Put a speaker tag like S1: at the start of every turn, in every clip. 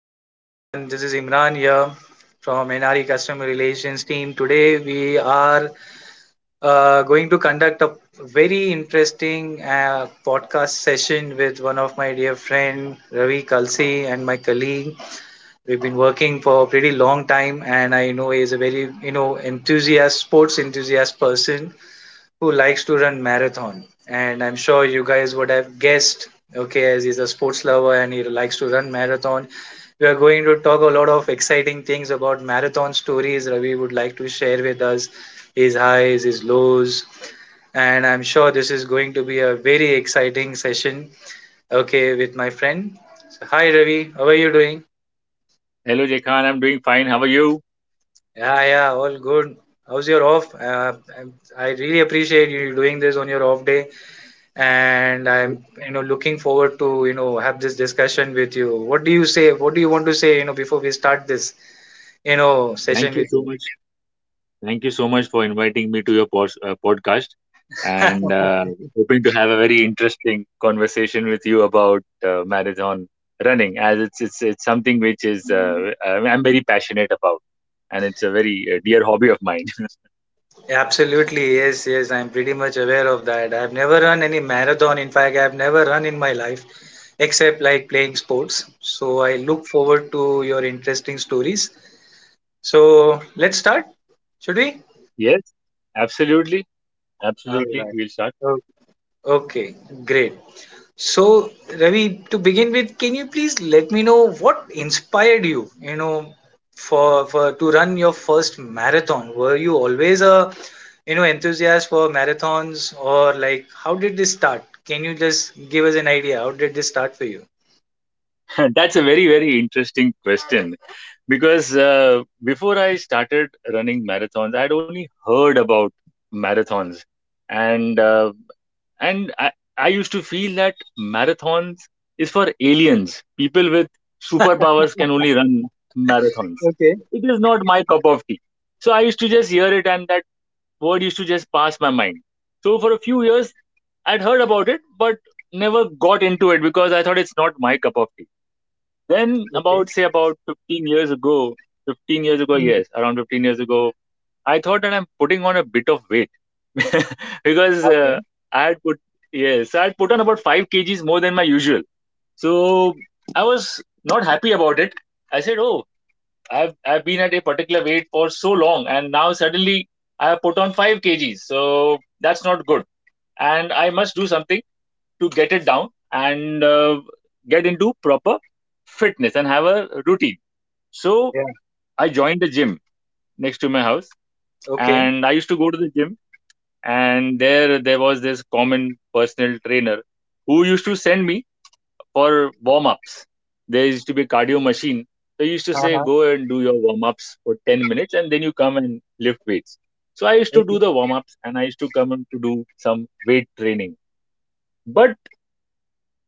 S1: Hello everyone, this is Imran here from NRE Customer Relations team. Today we are going to conduct a very interesting podcast session with one of my dear friend Ravi Kalsi and my colleague. We've been working for a pretty long time, and I know he is a very enthusiast, sports enthusiast person who likes to run marathon, and I'm sure you guys would have guessed, okay, as he's a sports lover and he likes to run marathon. We are going to talk a lot of exciting things about marathon stories Ravi would like to share with us, his highs, his lows, and I'm sure this is going to be a very exciting session, okay, with my friend. So, hi Ravi, how are you doing?
S2: Hello, Jekan. I'm doing fine. How are you?
S1: Yeah, yeah, all good. How's your off uh, I I really appreciate you doing this on your off day, and I'm looking forward to have this discussion with you. What do you say? What do you want to say? Before we start this session
S2: Thank you
S1: with
S2: so
S1: you.
S2: much. Thank you so much for inviting me to your podcast and uh, hoping to have a very interesting conversation with you about marathon running, as it's something which is I'm very passionate about, and it's a very dear hobby of mine.
S1: Absolutely, yes, yes. I'm pretty much aware of that. I've never run any marathon. In fact, I've never run in my life except like playing sports. So I look forward to your interesting stories. So let's start, should we?
S2: Yes, absolutely.
S1: All
S2: Absolutely.
S1: right.
S2: We'll start.
S1: O- Okay, great. So, Ravi, to begin with, can you please let me know what inspired you, you know, for to run your first marathon? Were you always a, enthusiast for marathons, or like how did this start? Can you just give us an idea? How did this start for you?
S2: That's a very, very interesting question because before I started running marathons, I had only heard about marathons, and uh, and I used to feel that marathons is for aliens. People with superpowers can only run marathons.
S1: Okay,
S2: It is not my cup of tea. So I used to just hear it, and that word used to just pass my mind. So for a few years, I'd heard about it, but never got into it because I thought it's not my cup of tea. Then
S1: okay,
S2: about 15 years ago, 15 years ago,
S1: mm,
S2: yes, around 15 years ago, I thought that I'm putting on a bit of weight. Because
S1: okay,
S2: I had put yes, I had put on about 5 kgs more than my usual. So I was not happy about it. I said, "Oh, I've been at a particular weight for so long, and now suddenly I have put on 5 kgs. So that's not good, and I must do something to get it down and get into proper fitness and have a routine." So
S1: yeah,
S2: I joined the gym next to my house,
S1: okay,
S2: and I used to go to the gym. And there was this common personal trainer who used to send me for warm ups. There used to be a cardio machine. So he used to say,
S1: uh-huh,
S2: go and do your warm ups for 10 minutes, and then you come and lift weights. So I used to do
S1: okay,
S2: the warm ups, and I used to come and to do some weight training. But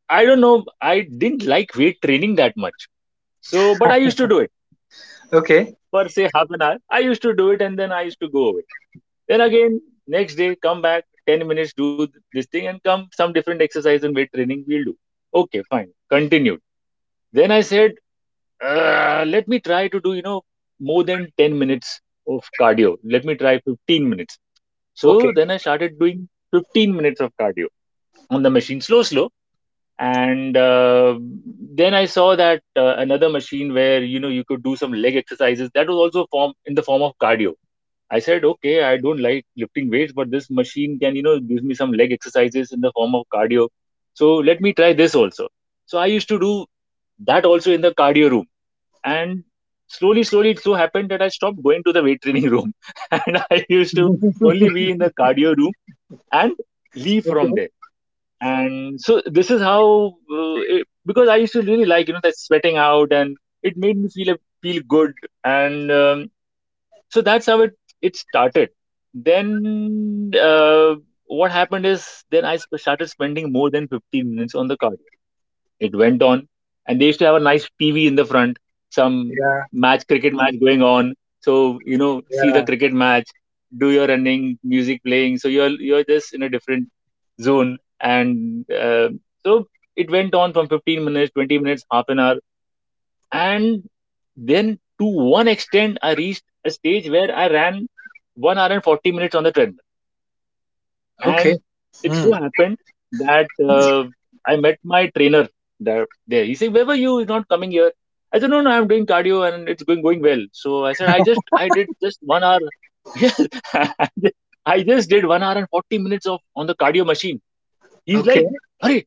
S2: I don't know. I didn't like weight training that much. So, but I used to do it
S1: okay,
S2: for say half an hour. I used to do it, and then I used to go away. Then again, next day, come back 10 minutes, do this thing and come some different exercise and weight training we'll do. Okay, fine. Continued. Then I said, let me try to do, you know, more than 10 minutes of cardio. Let me try 15 minutes.
S1: okay,
S2: So then I started doing 15 minutes of cardio on the machine, slow, slow. And then I saw that another machine where you know you could do some leg exercises, that was also form in the form of cardio. I said, okay, I don't like lifting weights, but this machine can, you know, give me some leg exercises in the form of cardio, so let me try this also. So I used to do that also in the cardio room, and slowly, slowly it so happened that I stopped going to the weight training room and I used to only be in the cardio room and leave from
S1: okay,
S2: there. And so this is how because I used to really like you know that sweating out, and it made me feel good. And so that's how it started. Then what happened is then I started spending more than 15 minutes on the cardio. It went on, and they used to have a nice TV in the front. Some
S1: yeah,
S2: match, cricket match going on, so you know, see the
S1: yeah,
S2: cricket match, do your running, music playing, so you're just in a different zone. And so it went on from 15 minutes, 20 minutes, half an hour, and then to one extent I reached a stage where I ran 1 hour and 40 minutes on the treadmill. And
S1: okay,
S2: it so
S1: hmm,
S2: happened that I met my trainer. There he said, where were you, you're not coming here. I said, no, no, I'm doing cardio and it's going well. So I said, I did just 1 hour, yes, I just did 1 hour and 40 minutes of on the cardio machine. He's
S1: okay.
S2: like, "Hurry!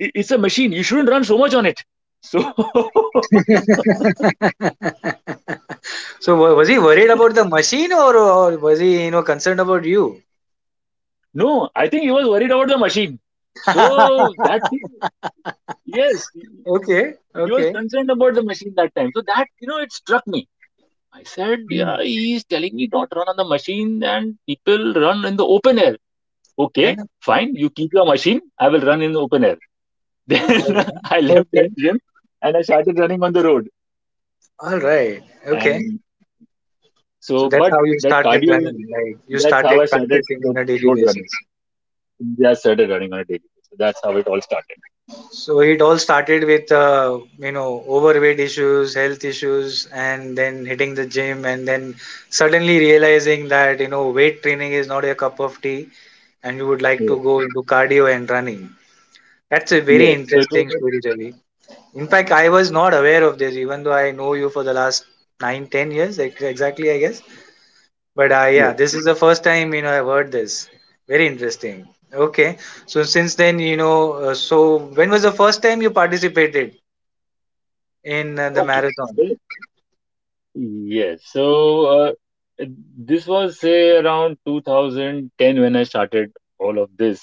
S2: It's a machine. You shouldn't run so much on it." So,
S1: So was he worried about the machine, or was he concerned about you?
S2: no, I think he was worried about the machine. So, that thing, yes,
S1: Okay,
S2: he was
S1: okay.
S2: concerned about the machine that time. So, that, you know, it struck me. I said, yeah,
S1: Hmm.
S2: he's telling me not run on the machine and people run in the open air. Okay,
S1: Yeah.
S2: fine. You keep your machine. I will run in the open air. Then
S1: All right.
S2: I left
S1: Okay.
S2: that gym and I started running on the road.
S1: All right. Okay.
S2: And
S1: So
S2: so,
S1: that's
S2: but
S1: how you
S2: that
S1: started
S2: cardio,
S1: running. Like you
S2: that's how
S1: started
S2: I started
S1: practicing
S2: with
S1: on a daily
S2: road
S1: basis.
S2: running. India started running on a daily basis. So that's how it all started.
S1: So it all started with you know overweight issues, health issues, and then hitting the gym, and then suddenly realizing that weight training is not your cup of tea, and you would like to
S2: Yes.
S1: go into cardio and running. That's a very
S2: Yes. So it was.
S1: interesting story, Ravi. In fact, I was not aware of this, even though I know you for the last nine, 10 years, exactly, I guess. But yeah,
S2: Yes.
S1: this is the first time I've heard this. Very interesting. Okay, so since then, you know, so when was the first time you participated in the
S2: Okay.
S1: marathon?
S2: So- Yes. So uh, this was say around 2010 when I started all of this.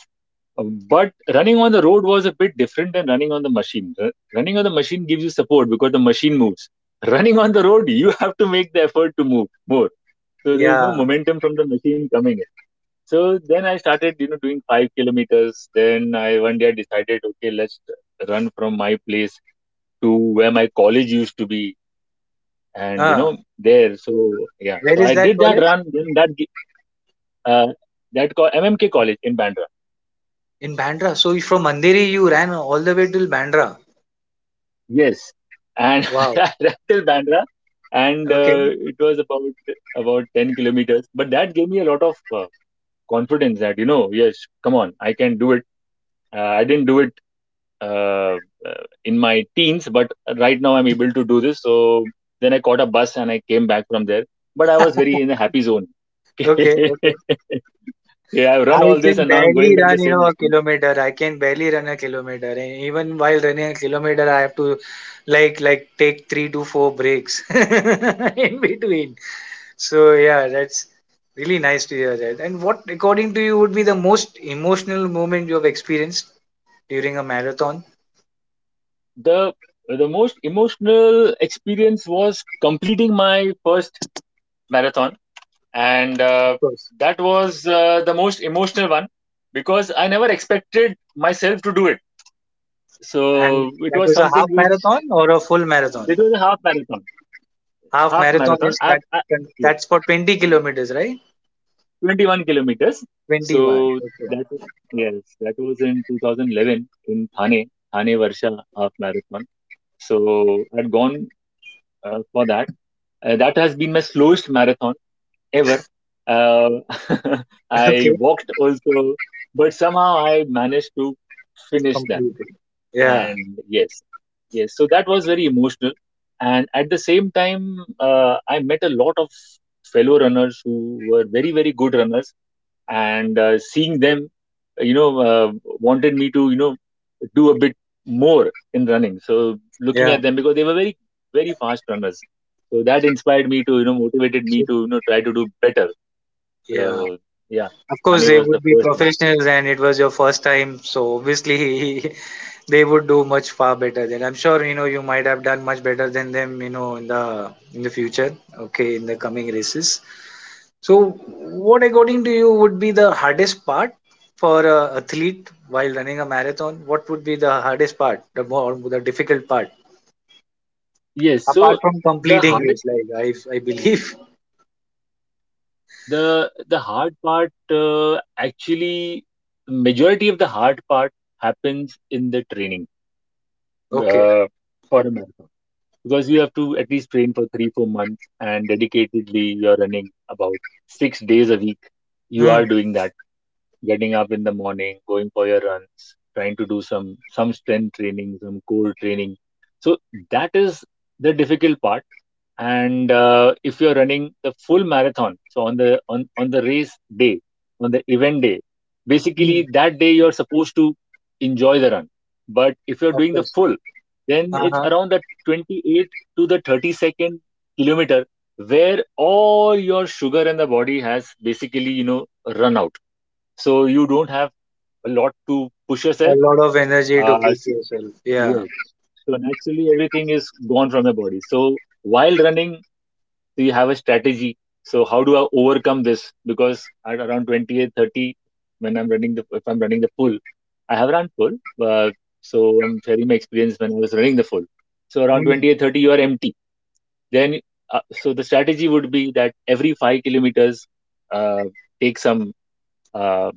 S2: Uh, But running on the road was a bit different than running on the machine. Running on the machine gives you support because the machine moves. Running on the road, you have to make the effort to move more. So there is no
S1: Yeah.
S2: momentum from the machine coming in. So then I started, you know, doing 5 kilometers. Then I One day I decided, okay, let's run from my place to where my college used to be, and you
S1: Uh,
S2: know, there. So yeah,
S1: where
S2: so
S1: is
S2: I
S1: that
S2: did that
S1: college?
S2: run. Then that gi- uh, that co- MMK College in Bandra.
S1: In Bandra. So you- from Andheri, you ran all the way till Bandra.
S2: Yes, and
S1: Wow.
S2: I ran till Bandra, and
S1: Okay.
S2: it was about 10 kilometers. But that gave me a lot of confidence that you know, yes, come on, I can do it. I didn't do it uh, in my teens, but right now I'm able to do this. So then I caught a bus and I came back from there. But I was very in a happy zone.
S1: Okay.
S2: Yeah,
S1: Okay.
S2: I've run
S1: I
S2: all this
S1: can
S2: and now I'm
S1: barely
S2: going back
S1: run,
S2: the
S1: you
S2: same
S1: know, a
S2: distance.
S1: kilometer. I can barely run a kilometer, and even while running a kilometer, I have to like take three to four breaks in between. So yeah, that's really nice to hear that. And what, according to you, would be the most emotional moment you have experienced during a marathon?
S2: The the most emotional experience was completing my first marathon, and
S1: Of course.
S2: that was the most emotional one because I never expected myself to do it.
S1: And
S2: So it
S1: that
S2: was
S1: was a
S2: something
S1: half
S2: which
S1: marathon or a full
S2: it
S1: marathon?
S2: was a half marathon.
S1: Half
S2: half
S1: marathon,
S2: marathon.
S1: is that,
S2: I've I, yes,
S1: that's for 20 kilometers, right?
S2: 21 kilometers.
S1: 21.
S2: So
S1: Okay.
S2: that, yes, that was in 2011 in Thane, Thane Varsha half marathon. So I'd gone for that. That has been my slowest marathon ever. Uh, I
S1: Okay.
S2: walked also, but somehow I managed to finish that.
S1: Completely. Yeah.
S2: And yes, yes, so that was very emotional. And at the same time I met a lot of fellow runners who were very, very good runners. And seeing them, you know, wanted me to, you know, do a bit more in running, so looking
S1: Yeah,
S2: at them, because they were very, very fast runners, so that inspired me to, you know, motivated me to, you know, try to do better.
S1: yeah.
S2: So yeah.
S1: Of course,
S2: Thane
S1: they
S2: was the
S1: would be
S2: first one.
S1: professionals, and it was your first time, so obviously they would do much far better than. I'm sure you might have done much better than them, you know, in the future. Okay, in the coming races. So, what according to you would be the hardest part for a athlete while running a marathon? What would be the hardest part, the more the difficult part,
S2: Yes,
S1: apart
S2: so
S1: from
S2: the
S1: completing it?
S2: hardest
S1: Like I believe.
S2: the hard part, actually, majority of the hard part happens in the training
S1: Okay.
S2: uh, for a marathon, because you have to at least train for 3-4 months, and dedicatedly you're running about 6 days a week. You
S1: Mm.
S2: are doing that, getting up in the morning, going for your runs, trying to do some strength training, some core training. So that is the difficult part. And if you're running the full marathon, so on the race day, on the event day, basically
S1: Mm.
S2: that day you're supposed to enjoy the run. But if you're
S1: Of
S2: doing the
S1: course.
S2: full, then it's
S1: Uh-huh.
S2: around the 28 to the 32nd kilometer where all your sugar in the body has basically, you know, run out, so you don't have a lot to push
S1: A
S2: yourself.
S1: lot of energy to
S2: Uh,
S1: push
S2: s-
S1: yourself. Yeah.
S2: yes. So naturally, everything is gone from your body. So while running, so you have a strategy. So how do I overcome this? Because at around 28, 30, when I'm running the if I'm running the full, I have run full. Uh, so I'm sharing my experience when I was running the full. So around
S1: Hmm.
S2: 28, 30, you are empty. Then so the strategy would be that every 5 kilometers, uh, take some uh,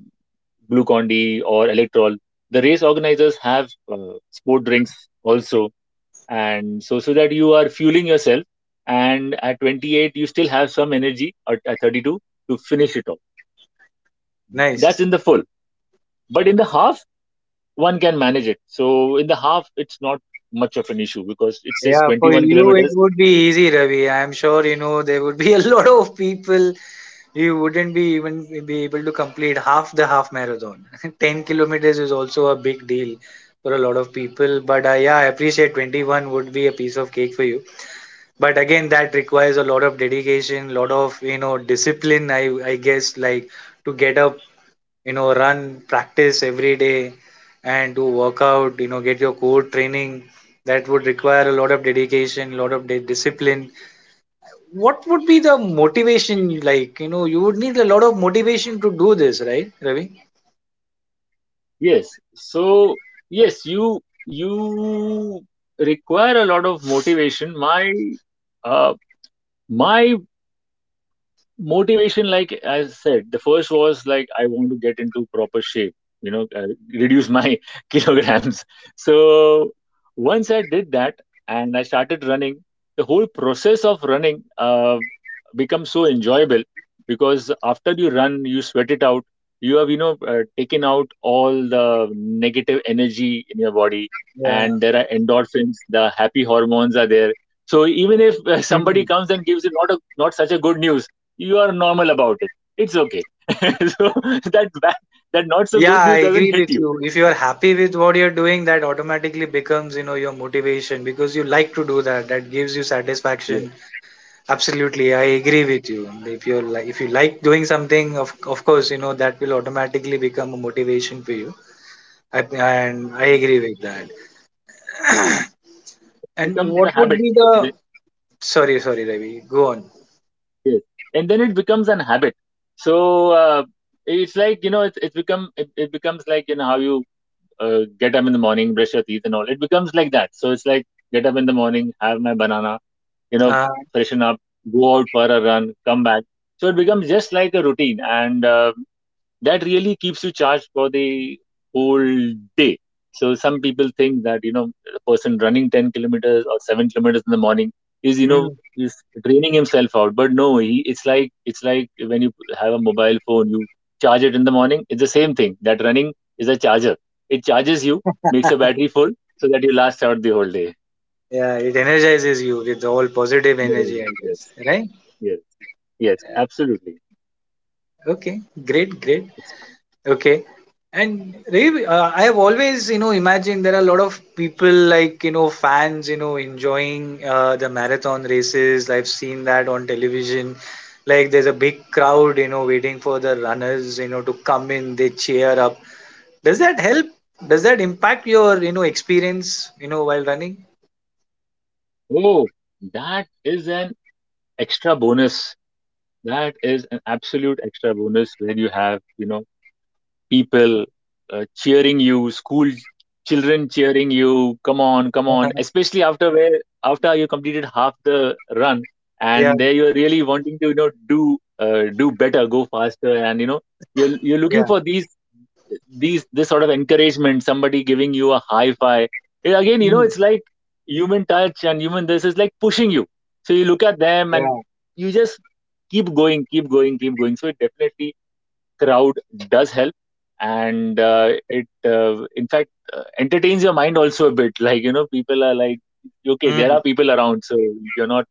S2: Glucon-D or Electrol. The race organizers have sport drinks also, and so that you are fueling yourself, and at 28 you still have some energy, or at 32 to finish it off. That's
S1: Nice.
S2: in the full, but in the half one can manage it. So in the half it's not much of an issue because it's just
S1: Yeah, for
S2: 21
S1: you it
S2: kilometers.
S1: would be easy, Ravi. I'm sure there would be a lot of people, you wouldn't be even be able to complete half the half marathon. 10 kilometers is also a big deal for a lot of people, but yeah, I appreciate 21 would be a piece of cake for you. But again, that requires a lot of dedication, lot of discipline. I guess, like, to get up, run, practice every day, and do workout, get your core training, that would require a lot of dedication, a lot of discipline. What would be the motivation? Like, you would need a lot of motivation to do this, right, Ravi?
S2: Yes, so yes, you require a lot of motivation. Uh, my motivation, like I said, the first was like I want to get into proper shape, you know, reduce my kilograms. So once I did that and I started running, the whole process of running becomes so enjoyable, because after you run, you sweat it out, you have, you know, taken out all the negative energy in your body,
S1: Yeah.
S2: and there are endorphins, the happy hormones are there. So even if somebody
S1: Hmm.
S2: comes and gives you not a not such a good news, you are normal about it, it's okay. So that bad, that not so good
S1: Yeah, I
S2: news doesn't
S1: agree
S2: hit
S1: with
S2: you.
S1: you. If you are happy with what you're doing, that automatically becomes your motivation, because you like to do that. That gives you
S2: Yes,
S1: satisfaction. Absolutely, I agree with you. If you like doing something, of course, you know that will automatically become a motivation for you. I, and I
S2: and
S1: agree with that. And
S2: becomes
S1: what
S2: a
S1: would
S2: habit.
S1: be the?
S2: Then-
S1: Sorry, sorry, Ravi. Go on.
S2: yes, and then it becomes an habit. So it's like, you know, it becomes like, you know, how you get up in the morning, brush your teeth and all, it becomes like that. So it's like, get up in the morning, have my banana, you know,
S1: Uh,
S2: freshen up, go out for a run, come back. So it becomes just like a routine, and that really keeps you charged for the whole day. So some people think that, you know, a person running 10 kilometers or 7 kilometers in the morning is, you know,
S1: hmm.
S2: is draining himself out. But no, he, it's like when you have a mobile phone, you charge it in the morning. It's the same thing. That running is a charger. It charges you, makes your battery full, so that you last out the whole day.
S1: Yeah, it energizes you with all positive energy, I guess,
S2: Yes,
S1: right?
S2: yes, yes, absolutely.
S1: Okay, great, great.
S2: It's fun.
S1: Okay. And Ravi, I have always, you know, imagined there are a lot of people, like, you know, fans, you know, enjoying the marathon races. I've seen that on television. Like there's a big crowd, you know, waiting for the runners, you know, to come in. They cheer up. Does that help? Does that impact your, you know, experience, you know, while running?
S2: Oh, that is an extra bonus. That is an absolute extra bonus when you have, you know, people cheering you, school children cheering you, come on, come on,
S1: Uh-huh.
S2: especially after where after you completed half the run,
S1: Yeah,
S2: and there you're really wanting to, you know, do do better, go faster, and you know, you're looking
S1: yeah.
S2: for these this sort of encouragement, somebody giving you a high five. Again, you know,
S1: Mm,
S2: it's like human touch and human this is like pushing you. So you look at them and
S1: yeah.
S2: you just keep going, keep going, keep going. So it definitely crowd does help. And it in fact entertains your mind also a bit, like, you know, people are like, okay, there
S1: Mm,
S2: are people around, so you're not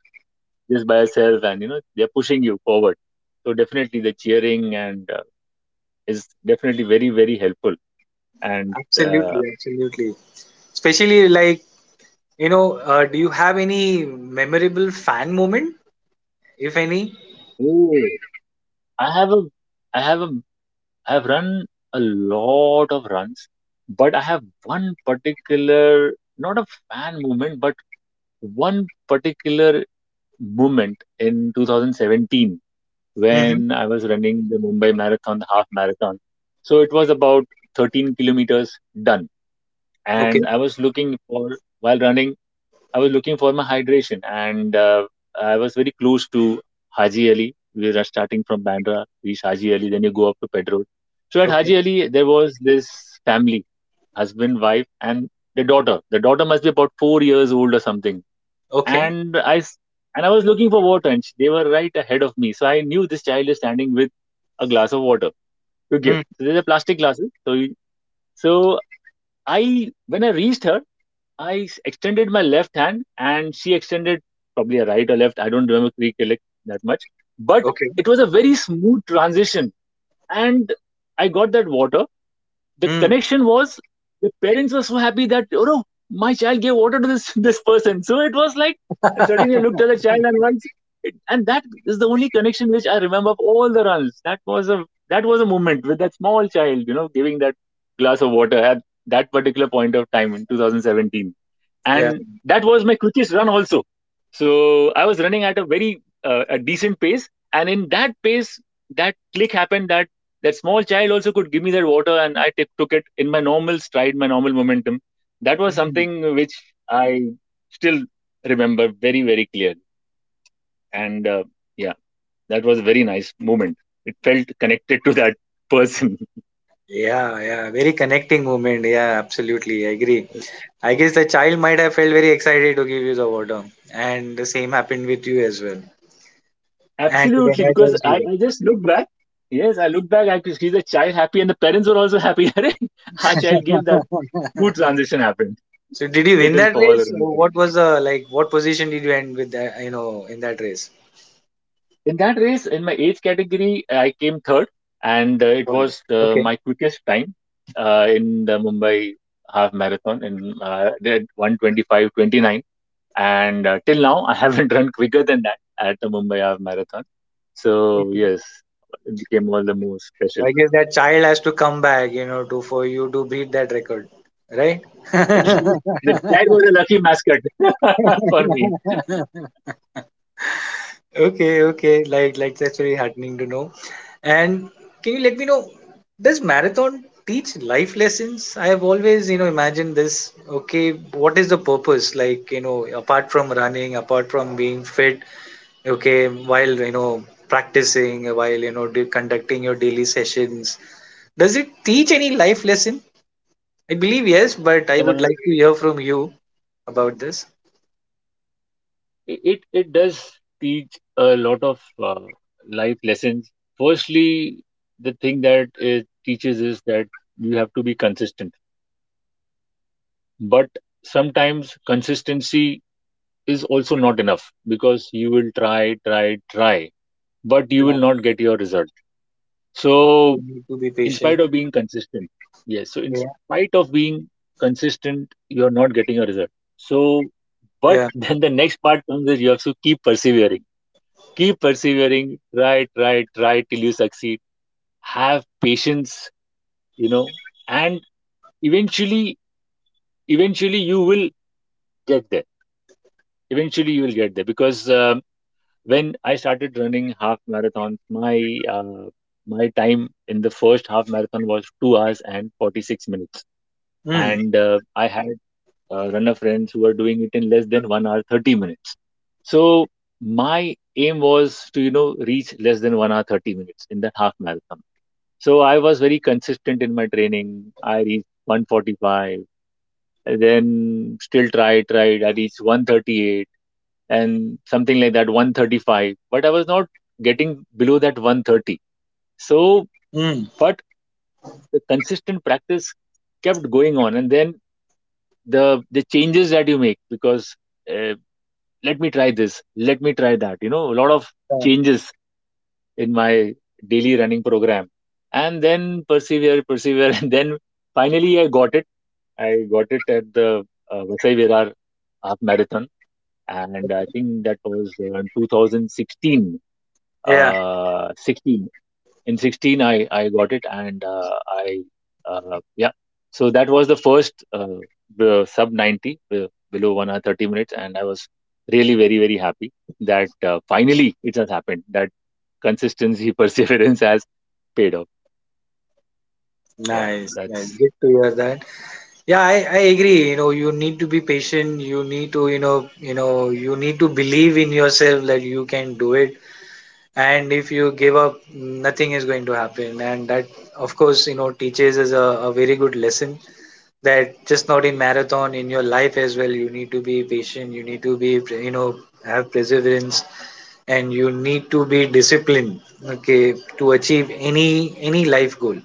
S2: just by yourself, and you know they're pushing you forward. So definitely the cheering and is definitely very very helpful. And
S1: absolutely, absolutely. Especially, like, you know, do you have any memorable fan moment, if any?
S2: Oh, I have a, I have a, I have run a lot of runs, but I have one particular, not a fan movement, but one particular moment in 2017
S1: Hmm.
S2: when I was running the Mumbai Marathon, the half marathon. So it was about 13 kilometers done,
S1: Okay,
S2: and I was looking for while running I was looking for my hydration, and I was very close to Haji Ali. We were starting from Bandra, reach Haji Ali, then you go up to Pedro. So at
S1: okay,
S2: Haji Ali, there was this family, husband, wife, and the daughter. The daughter must be about 4 years old or something.
S1: okay,
S2: And I s- and I was looking for water, and they were right ahead of me. So I knew this child is standing with a glass of water to give.
S1: mm,
S2: So there's a plastic glasses. So I, when I reached her, extended my left hand, and she extended probably a right or left. I don't remember recollect that much, but
S1: okay.
S2: it was a very smooth transition, and I got that water, the
S1: Mm.
S2: connection was, the parents were so happy that, oh no, my child gave water to this this person. So it was like, and suddenly I looked at the child, and once, it, and that is the only connection which I remember of all the runs. That was a moment with that small child, you know, giving that glass of water at that particular point of time in 2017,
S1: Yeah.
S2: and that was my quickest run also. So I was running at a decent pace, and in that pace, that click happened. That small child also could give me that water, and took it in my normal stride, my normal momentum. That was
S1: Mm.
S2: something which I still remember very very clearly. And yeah, that was a very nice moment. It felt connected to that person.
S1: Yeah, yeah, very connecting moment. Yeah, absolutely. I agree. I guess the child might have felt very excited to give you the water, and the same happened with you as well. And it
S2: Absolutely, because
S1: energized you.
S2: I just look back. Yes, I look back, I could see the child happy and the parents were also happy. Arey, our child gave that, good transition happened.
S1: So, did you
S2: It
S1: win
S2: didn't
S1: that
S2: fall or
S1: race? Or
S2: anything.
S1: what was the, like, what position did you end with, that, you know, in that race?
S2: In that race, in my age category, I came third, and it
S1: Oh,
S2: was my quickest time in the Mumbai half marathon, in did 1:25:29. And till now, I haven't run quicker than that at the Mumbai half marathon. So,
S1: okay.
S2: yes, it became all the more special.
S1: I guess that child has to come back, you know, to for you to beat that record, right?
S2: The dad was a lucky mascot for me.
S1: Okay, okay. Like that's
S2: Yes.
S1: very heartening to know. And can you let me know, does marathon teach life lessons? I have always, you know, imagined this. Okay, what is the purpose? Like, you know, apart from running, apart from being fit, okay, while practicing, while do, conducting your daily sessions, does it teach any life lesson? I believe yes, but I would like to hear from you about this.
S2: It does teach a lot of uh, life lessons. Firstly, the thing that it teaches is that you have to be consistent. But sometimes consistency is also not enough, because you will try, try, try, but you
S1: Yeah,
S2: will not get your result.
S1: you
S2: So,
S1: need to be
S2: in
S1: patient.
S2: spite of being consistent, yes. So, in
S1: Yeah.
S2: spite of being consistent, you are not getting a result. So, but
S1: Yeah.
S2: then the next part comes is, you have to keep persevering, keep persevering. Try, try, try till you succeed, have patience, you know. And eventually eventually you will get there, eventually you will get there. Because when I started running half marathons, uh, my time in the first half marathon was 2 hours and 46 minutes.
S1: Mm.
S2: And I had runner friends who were doing it in less than 1 hour 30 minutes. So my aim was to, you know, reach less than 1 hour 30 minutes in that half marathon. So I was very consistent in my training. I reached 1:45, and then still tried. I reached 1:38 and something like that, 1:35. But I was not getting below that 1:30. So,
S1: Mm.
S2: but the consistent practice kept going on. And then the changes that you make, because uh, let me try this, let me try that. You know, a lot of
S1: Yeah.
S2: changes in my daily running program. And then persevere, persevere, and then finally I got it at the Vasai Virar half marathon. And I think that was in 2016,
S1: Yeah.
S2: 16, in 16, I got it. And I yeah. So that was the first the sub 90, below 1 hour 30 minutes, and I was really very very happy that finally it has happened, that consistency perseverance has paid off. Yeah,
S1: Nice. Nice.
S2: that's
S1: Good to hear that. Yeah, I agree. You know, you need to be patient. You need to, you know, you know, you need to believe in yourself that you can do it. And if you give up, nothing is going to happen. And that, of course, you know, teaches us a very good lesson, that just not in marathon, in your life as well, you need to be patient, you need to be have perseverance, and you need to be disciplined, okay, to achieve any life goal.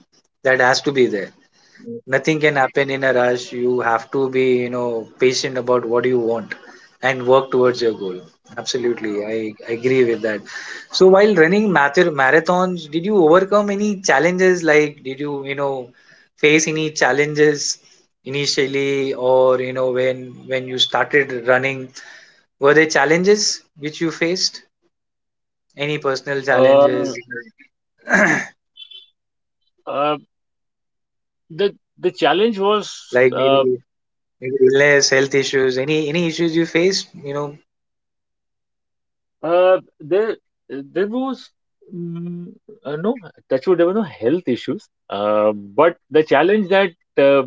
S1: That has to be there. Nothing can happen in a rush. You have to be, you know, patient about what you want, and work towards your goal. Absolutely, I agree with that. So while running marathons, did you overcome any challenges? Like, did you, you know face any challenges initially? Or, you know, when you started running, were there challenges which you faced? Any personal
S2: uh,
S1: challenges?
S2: uh, the the challenge
S1: Like,
S2: was
S1: maybe,
S2: uh,
S1: maybe illness, health issues, any issues you faced, you know?
S2: uh, there there was mm, no, touch wood, there were no health issues. But the challenge that uh,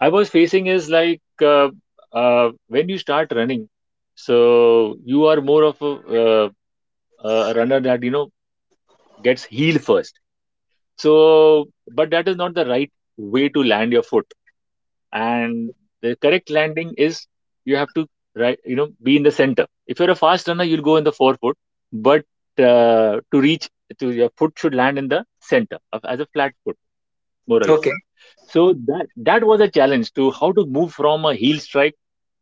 S2: I was facing is like, when you start running, so you are more of a runner that, you know, gets healed first. So, but that is not the right way to land your foot. And the correct landing is, you have to, right, you know, be in the center. If you're a fast runner, you'll go in the forefoot, but uh, to reach to your foot should land in the center of, as a flat foot, more or less.
S1: Okay,
S2: So that was a challenge, to how to move from a heel strike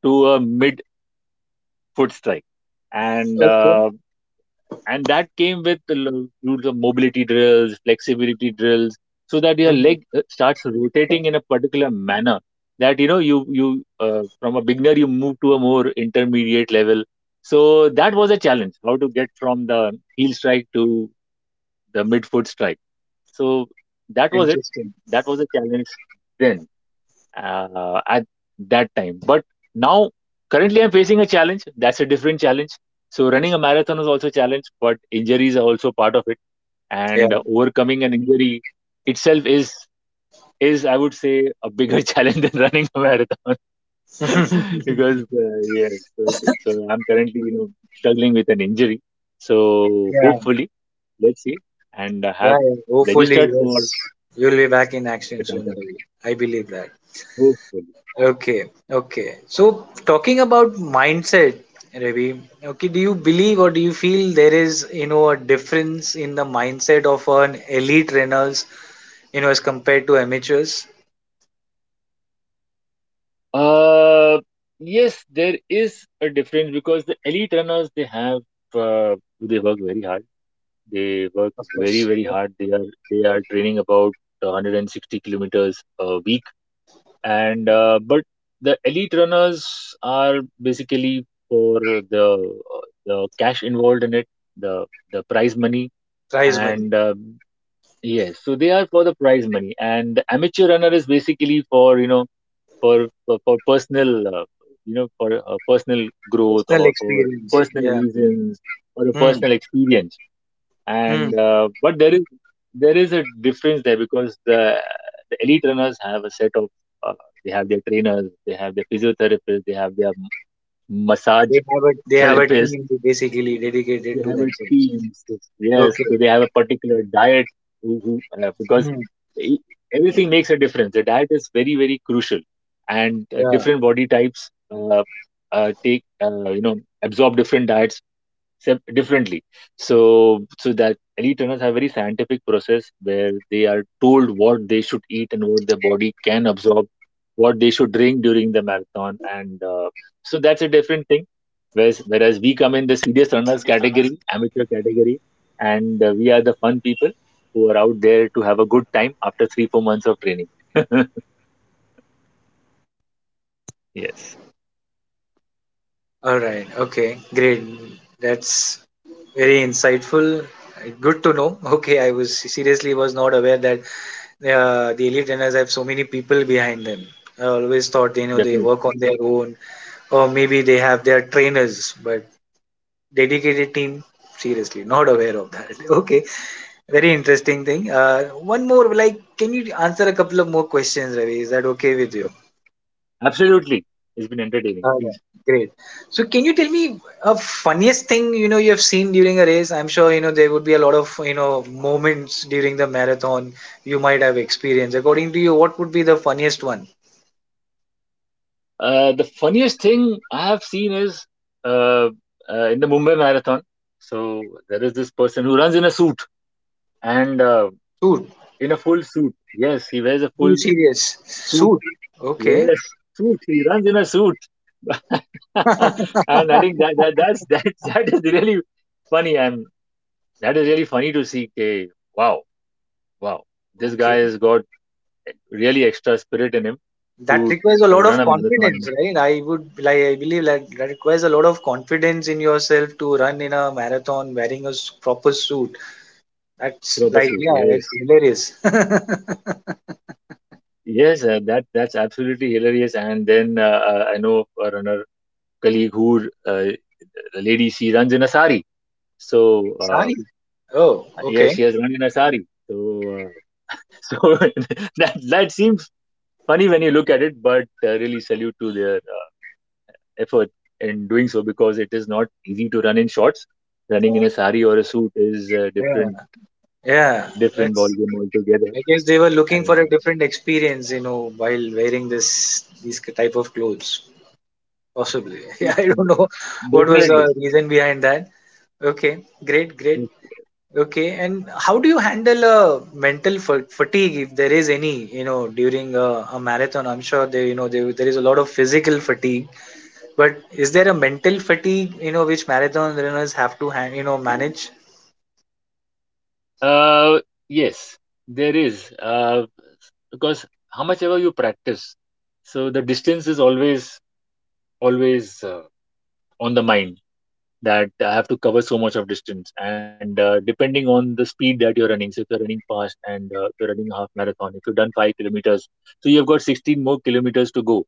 S2: to a mid foot strike, and
S1: okay.
S2: uh, and that came with the rules of mobility drills, flexibility drills, so that your
S1: Hmm,
S2: leg starts rotating in a particular manner, that you know you you from a beginner you move to a more intermediate level. So that was a challenge, how to get from the heel strike to the midfoot strike. So that was it,
S1: interesting.
S2: that was a challenge then at that time. But now, currently, I'm facing a challenge. That's a different challenge. So, running a marathon is also a challenge, but injuries are also part of it.
S1: Yeah.
S2: And overcoming an injury itself is, I would say, a bigger challenge than running a marathon, because yeah. So I'm currently, you know, struggling with an injury. So
S1: Yeah.
S2: hopefully, let's see, and I
S1: Yeah.
S2: have
S1: Yeah. Hopefully,
S2: registered for
S1: yes, you'll be back in action
S2: the
S1: soon,
S2: Tata.
S1: Ravi. I believe that.
S2: Hopefully. Yes.
S1: Okay. Okay. So, talking about mindset, Ravi, okay, do you believe or do you feel there is, you know, a difference in the mindset of an elite trainers, you know, as compared to amateurs?
S2: Uh, yes, there is a difference, because the elite runners, they work very hard. They work
S1: Of
S2: very
S1: course.
S2: very
S1: Yeah.
S2: hard. They are training about 160 kilometers a week, and but the elite runners are basically for the cash involved in it, the the prize money,
S1: Prize money,
S2: and yes, so they are for the prize money, and the amateur runner is basically for for personal growth
S1: personal
S2: or for
S1: experience.
S2: personal
S1: Yeah.
S2: reasons or a
S1: Hmm.
S2: personal experience.
S1: Hmm.
S2: And but there is a difference there, because the elite runners have a set of, uh, they have their trainers, they have their physiotherapists, they have their
S1: They
S2: massage
S1: have a, they have a
S2: therapists,
S1: team to basically dedicated
S2: they
S1: to
S2: have a
S1: themselves.
S2: team. So, yes,
S1: Okay.
S2: so they have a particular diet. Who, who uh, because
S1: Hmm.
S2: e- Everything makes a difference. The diet is very very crucial, and
S1: Yeah.
S2: different body types take you know absorb different diets differently, so so that elite runners have very scientific process, where they are told what they should eat and what their body can absorb, what they should drink during the marathon. And so that's a different thing, whereas we come in the serious runners category, amateur category, and we are the fun people who are out there to have a good time after 3 4 months of training. Yes,
S1: Right. Okay. Great. That's very insightful. Good to know. Okay, I was seriously was not aware that the elite runners so many people behind them. I always thought they
S2: definitely.
S1: work on their own, or maybe they have their trainers, but dedicated team. Seriously, not aware of that. Okay, very interesting thing. One more, like, can you answer a couple of more questions, Ravi? Is that okay with you?
S2: Absolutely, it's been entertaining.
S1: Okay,
S2: Please.
S1: great. So can you tell me a funniest thing you have seen during a race? I'm sure there would be a lot of moments during the marathon you might have experienced. According to you, what would be the funniest one?
S2: The funniest thing I have seen is uh, in the Mumbai Marathon. So there is this person who runs in a suit, and
S1: Suit.
S2: in a full suit. Yes, he wears a
S1: Be
S2: full
S1: serious.
S2: suit.
S1: Suit. Okay.
S2: Yes, suit. He runs in a suit. And I think that, that that's that that is really funny. I'm That is really funny to see. K, wow, wow. This
S1: Okay.
S2: guy has got really extra spirit in him
S1: That
S2: to
S1: requires a lot of
S2: run a marathon in
S1: confidence,
S2: a
S1: right? I would like I believe that requires a lot of confidence in yourself to run in a marathon wearing proper suit. That's
S2: proper
S1: like
S2: suit.
S1: yeah, it's
S2: Yes.
S1: hilarious.
S2: Yes, that's absolutely hilarious. And then I know our another colleague who, a lady, she runs in a sari. So
S1: Sari. Oh, okay.
S2: yes, she has run in a sari. So, so that seems funny when you look at it, but really salute to their effort in doing so, because it is not easy to run in shorts. Running in a sari or a suit is a
S1: Yeah,
S2: different
S1: yeah.
S2: different ball
S1: That's.
S2: game altogether.
S1: I guess they were looking
S2: And
S1: for a
S2: uh,
S1: different experience, you know, while wearing this these type of clothes. Possibly. Yeah,
S2: e-
S1: I don't know what was the
S2: definitely.
S1: reason behind that. Okay, great, great. Okay, and how do you handle a fatigue if there is any, you know, during a marathon? I'm sure there, is a lot of physical fatigue, but is there a mental fatigue, you know, which marathon runners have to, you know, manage?
S2: Uh, yes, there is. Because how much ever you practice, so the distance is always on the mind, that I have to cover so much of distance, and depending on the speed that you're running. So if you're running fast and you're running a half marathon, if you've done 5 kilometers, so you've got 16 more kilometers to go.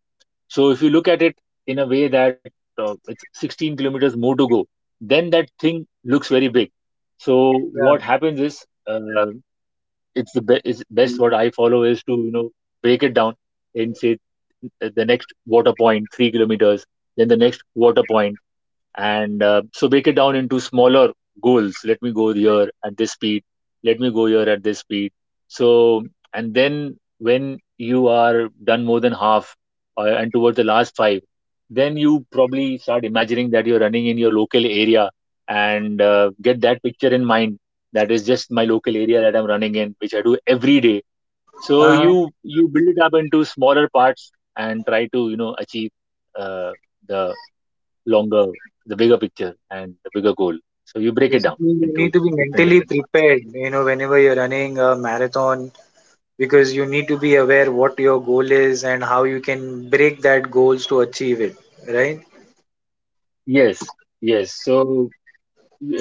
S2: So if you look at it in a way that it's 16 kilometers more to go, then that thing looks very big. So what happens is. It's best what I follow is to break it down and say, the next water point, 3 kilometers, then the next water point, and so break it down into smaller goals. Let me go here at this speed, let me go here at this speed. So, and then when you are done more than half, and towards the last five, then you probably start imagining that you're running in your local area, and get that picture in mind, that is just my local area that I'm running in, which I do every day. So
S1: Yeah.
S2: you build it up into smaller parts and try to achieve uh, the longer, the bigger picture and the bigger goal. So you break it down
S1: Basically, you need
S2: into
S1: to be
S2: different
S1: mentally
S2: different parts.
S1: prepared, you know, whenever you're running a marathon, because you need to be aware what your goal is and how you can break that goals to achieve it, right?
S2: Yes, yes, so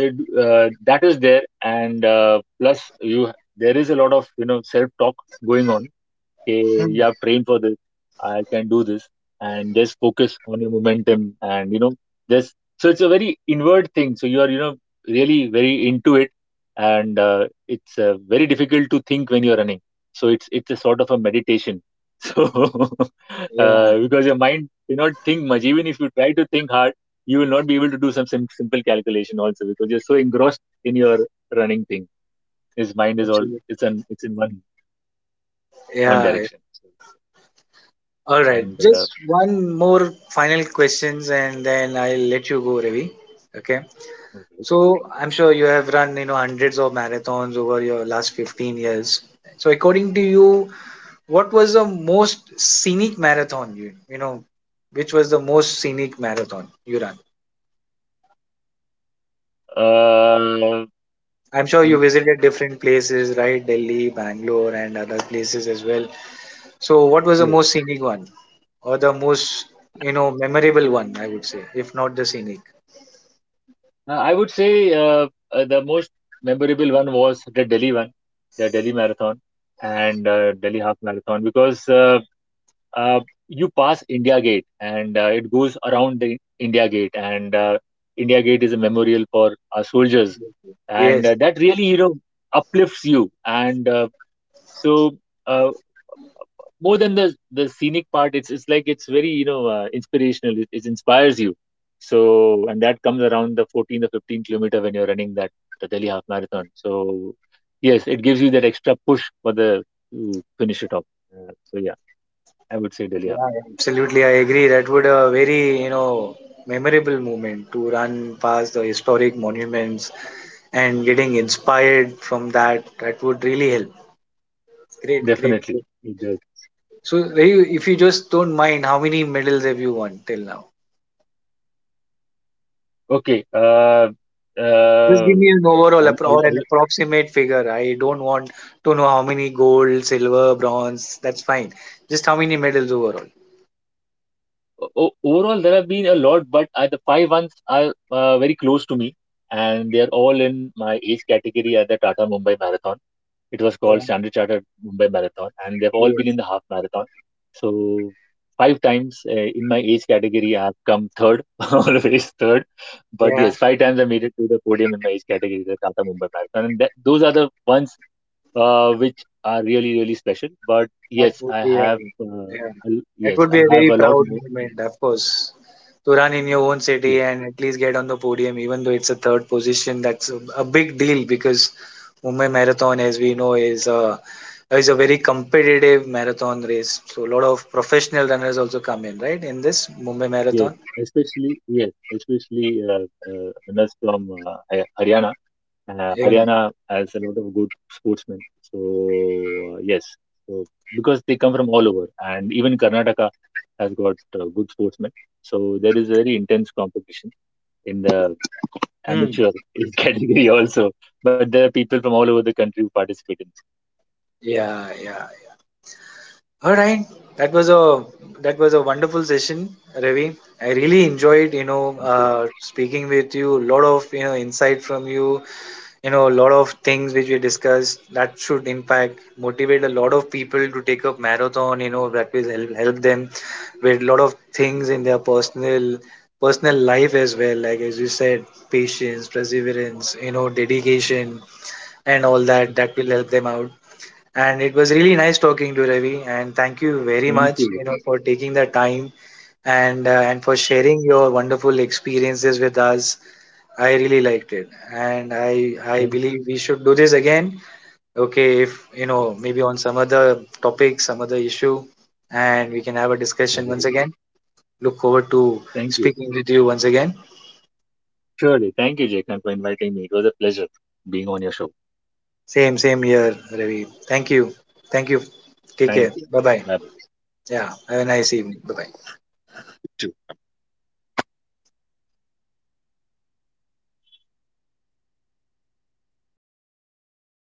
S2: it, that is there. And plus you there is a lot of self talk going on. Okay, you
S1: Hmm.
S2: have trained for this, I can do this, and just focus on your momentum, and just so it's a very inward thing. So you are, really very into it, and it's very difficult to think when you're running. So it's a sort of a meditation. So
S1: Yeah,
S2: because your mind cannot think much, even if you try to think hard, you will not be able to do some simple calculation also, because you're so engrossed in your running thing. His mind is all,
S1: absolutely.
S2: it's an, it's in one
S1: Yeah, yeah.
S2: direction. So,
S1: All right.
S2: and
S1: Just one more final questions and then I'll let you go, Ravi. Okay.
S2: alright.
S1: So I'm sure you have run, you know, hundreds of marathons over your last 15 years. So according to you, what was the most scenic marathon you you know which was the most scenic marathon you ran?
S2: Uh,
S1: I'm sure you
S2: the
S1: visited different places, right? Delhi, Bangalore and other places as well. So what was the
S2: Yes.
S1: most scenic one, or the most, you know, memorable one I would say, if not the scenic?
S2: I would say the most memorable one was the Delhi one, the Delhi Marathon, and Delhi Half Marathon, because uh, you pass India Gate, and it goes around the India Gate, and India Gate is a memorial for our soldiers. And
S1: Yes.
S2: that really uplifts you, and so. uh, More than the scenic part, it's like it's very inspirational, it inspires you. So, and that comes around the 14 or 15 kilometer, when you're running that the Delhi Half Marathon. So, yes, it gives you that extra push for the to finish it off. So yeah, I would say Delhi Half.
S1: Yeah, absolutely, I agree. That would a very, you know, memorable moment to run past the historic monuments and getting inspired from that, that would really help. Great, great.
S2: Definitely it does.
S1: So, Rayu, if you just don't mind, how many medals have you won till now?
S2: Okay. uh
S1: Just
S2: uh
S1: give me an overall
S2: all, all,
S1: or an
S2: all,
S1: approximate figure. I don't want to know how many gold, silver, bronze. That's fine. Just how many medals overall?
S2: o- overall there have been a lot, but the five ones are very close to me, and they are all in my age category at the Tata Mumbai Marathon. It was called
S1: Yeah.
S2: Standard Chartered Mumbai Marathon, and they've all been in
S1: Yes.
S2: the half marathon. So five times, in my age category, I have come third. Always third. But
S1: Yeah.
S2: yes, five times I made it to the podium in my age category, the Tata Mumbai Marathon, and those are the ones, which are really really special. But
S1: That
S2: yes,
S1: would
S2: I
S1: be
S2: have,
S1: yeah,
S2: a l-
S1: that
S2: yes
S1: would be
S2: I
S1: a
S2: have
S1: very
S2: a lot
S1: proud
S2: more.
S1: moment, of course, to run in your own
S2: Yes,
S1: city and at least get on the podium, even though it's a third position. That's a big deal because Mumbai Marathon, as we know, is a very competitive marathon race. So a lot of professional runners also come in, right? In this Mumbai
S2: yes,
S1: Marathon.
S2: especially, yes, especially winners from, Haryana.
S1: Yeah.
S2: Haryana has a lot of good sportsmen. So yes, so because they come from all over, and even Karnataka has got good sportsmen. So there is very intense competition in the
S1: Hmm.
S2: amateur age category also. But there are people from all over the country who participate in this.
S1: Yeah. Yeah. All right, that was a that was a wonderful session, Ravi. I really enjoyed, you know,
S2: Thank you.
S1: speaking with you. A lot of, you know, insight from you. You know, a lot of things which we discussed that should impact, motivate a lot of people to take up marathon. You know, that will help them with a lot of things in their personal life as well. Like as you said, patience, perseverance, you know, dedication, and all that. That will help them out. And it was really nice talking to Ravi, and thank you very
S2: Thank
S1: much,
S2: you,
S1: you know,
S2: Vikrant.
S1: for taking the time and for sharing your wonderful experiences with us. I really liked it, and I
S2: Thank
S1: believe we should do this again. Okay, if you know
S2: Yes.
S1: maybe on some other topic, some other issue, and we can have a discussion
S2: Bye-bye.
S1: once again. Look forward to
S2: Thank you.
S1: speaking with you once again.
S2: Surely. Thank you, Jacob, for inviting me. It was a pleasure being on your show.
S1: Same here, Ravi. Thank you, thank you. Take
S2: Thank
S1: care.
S2: you.
S1: Bye bye.
S2: Bye bye.
S1: Yeah, have a nice evening. Bye bye.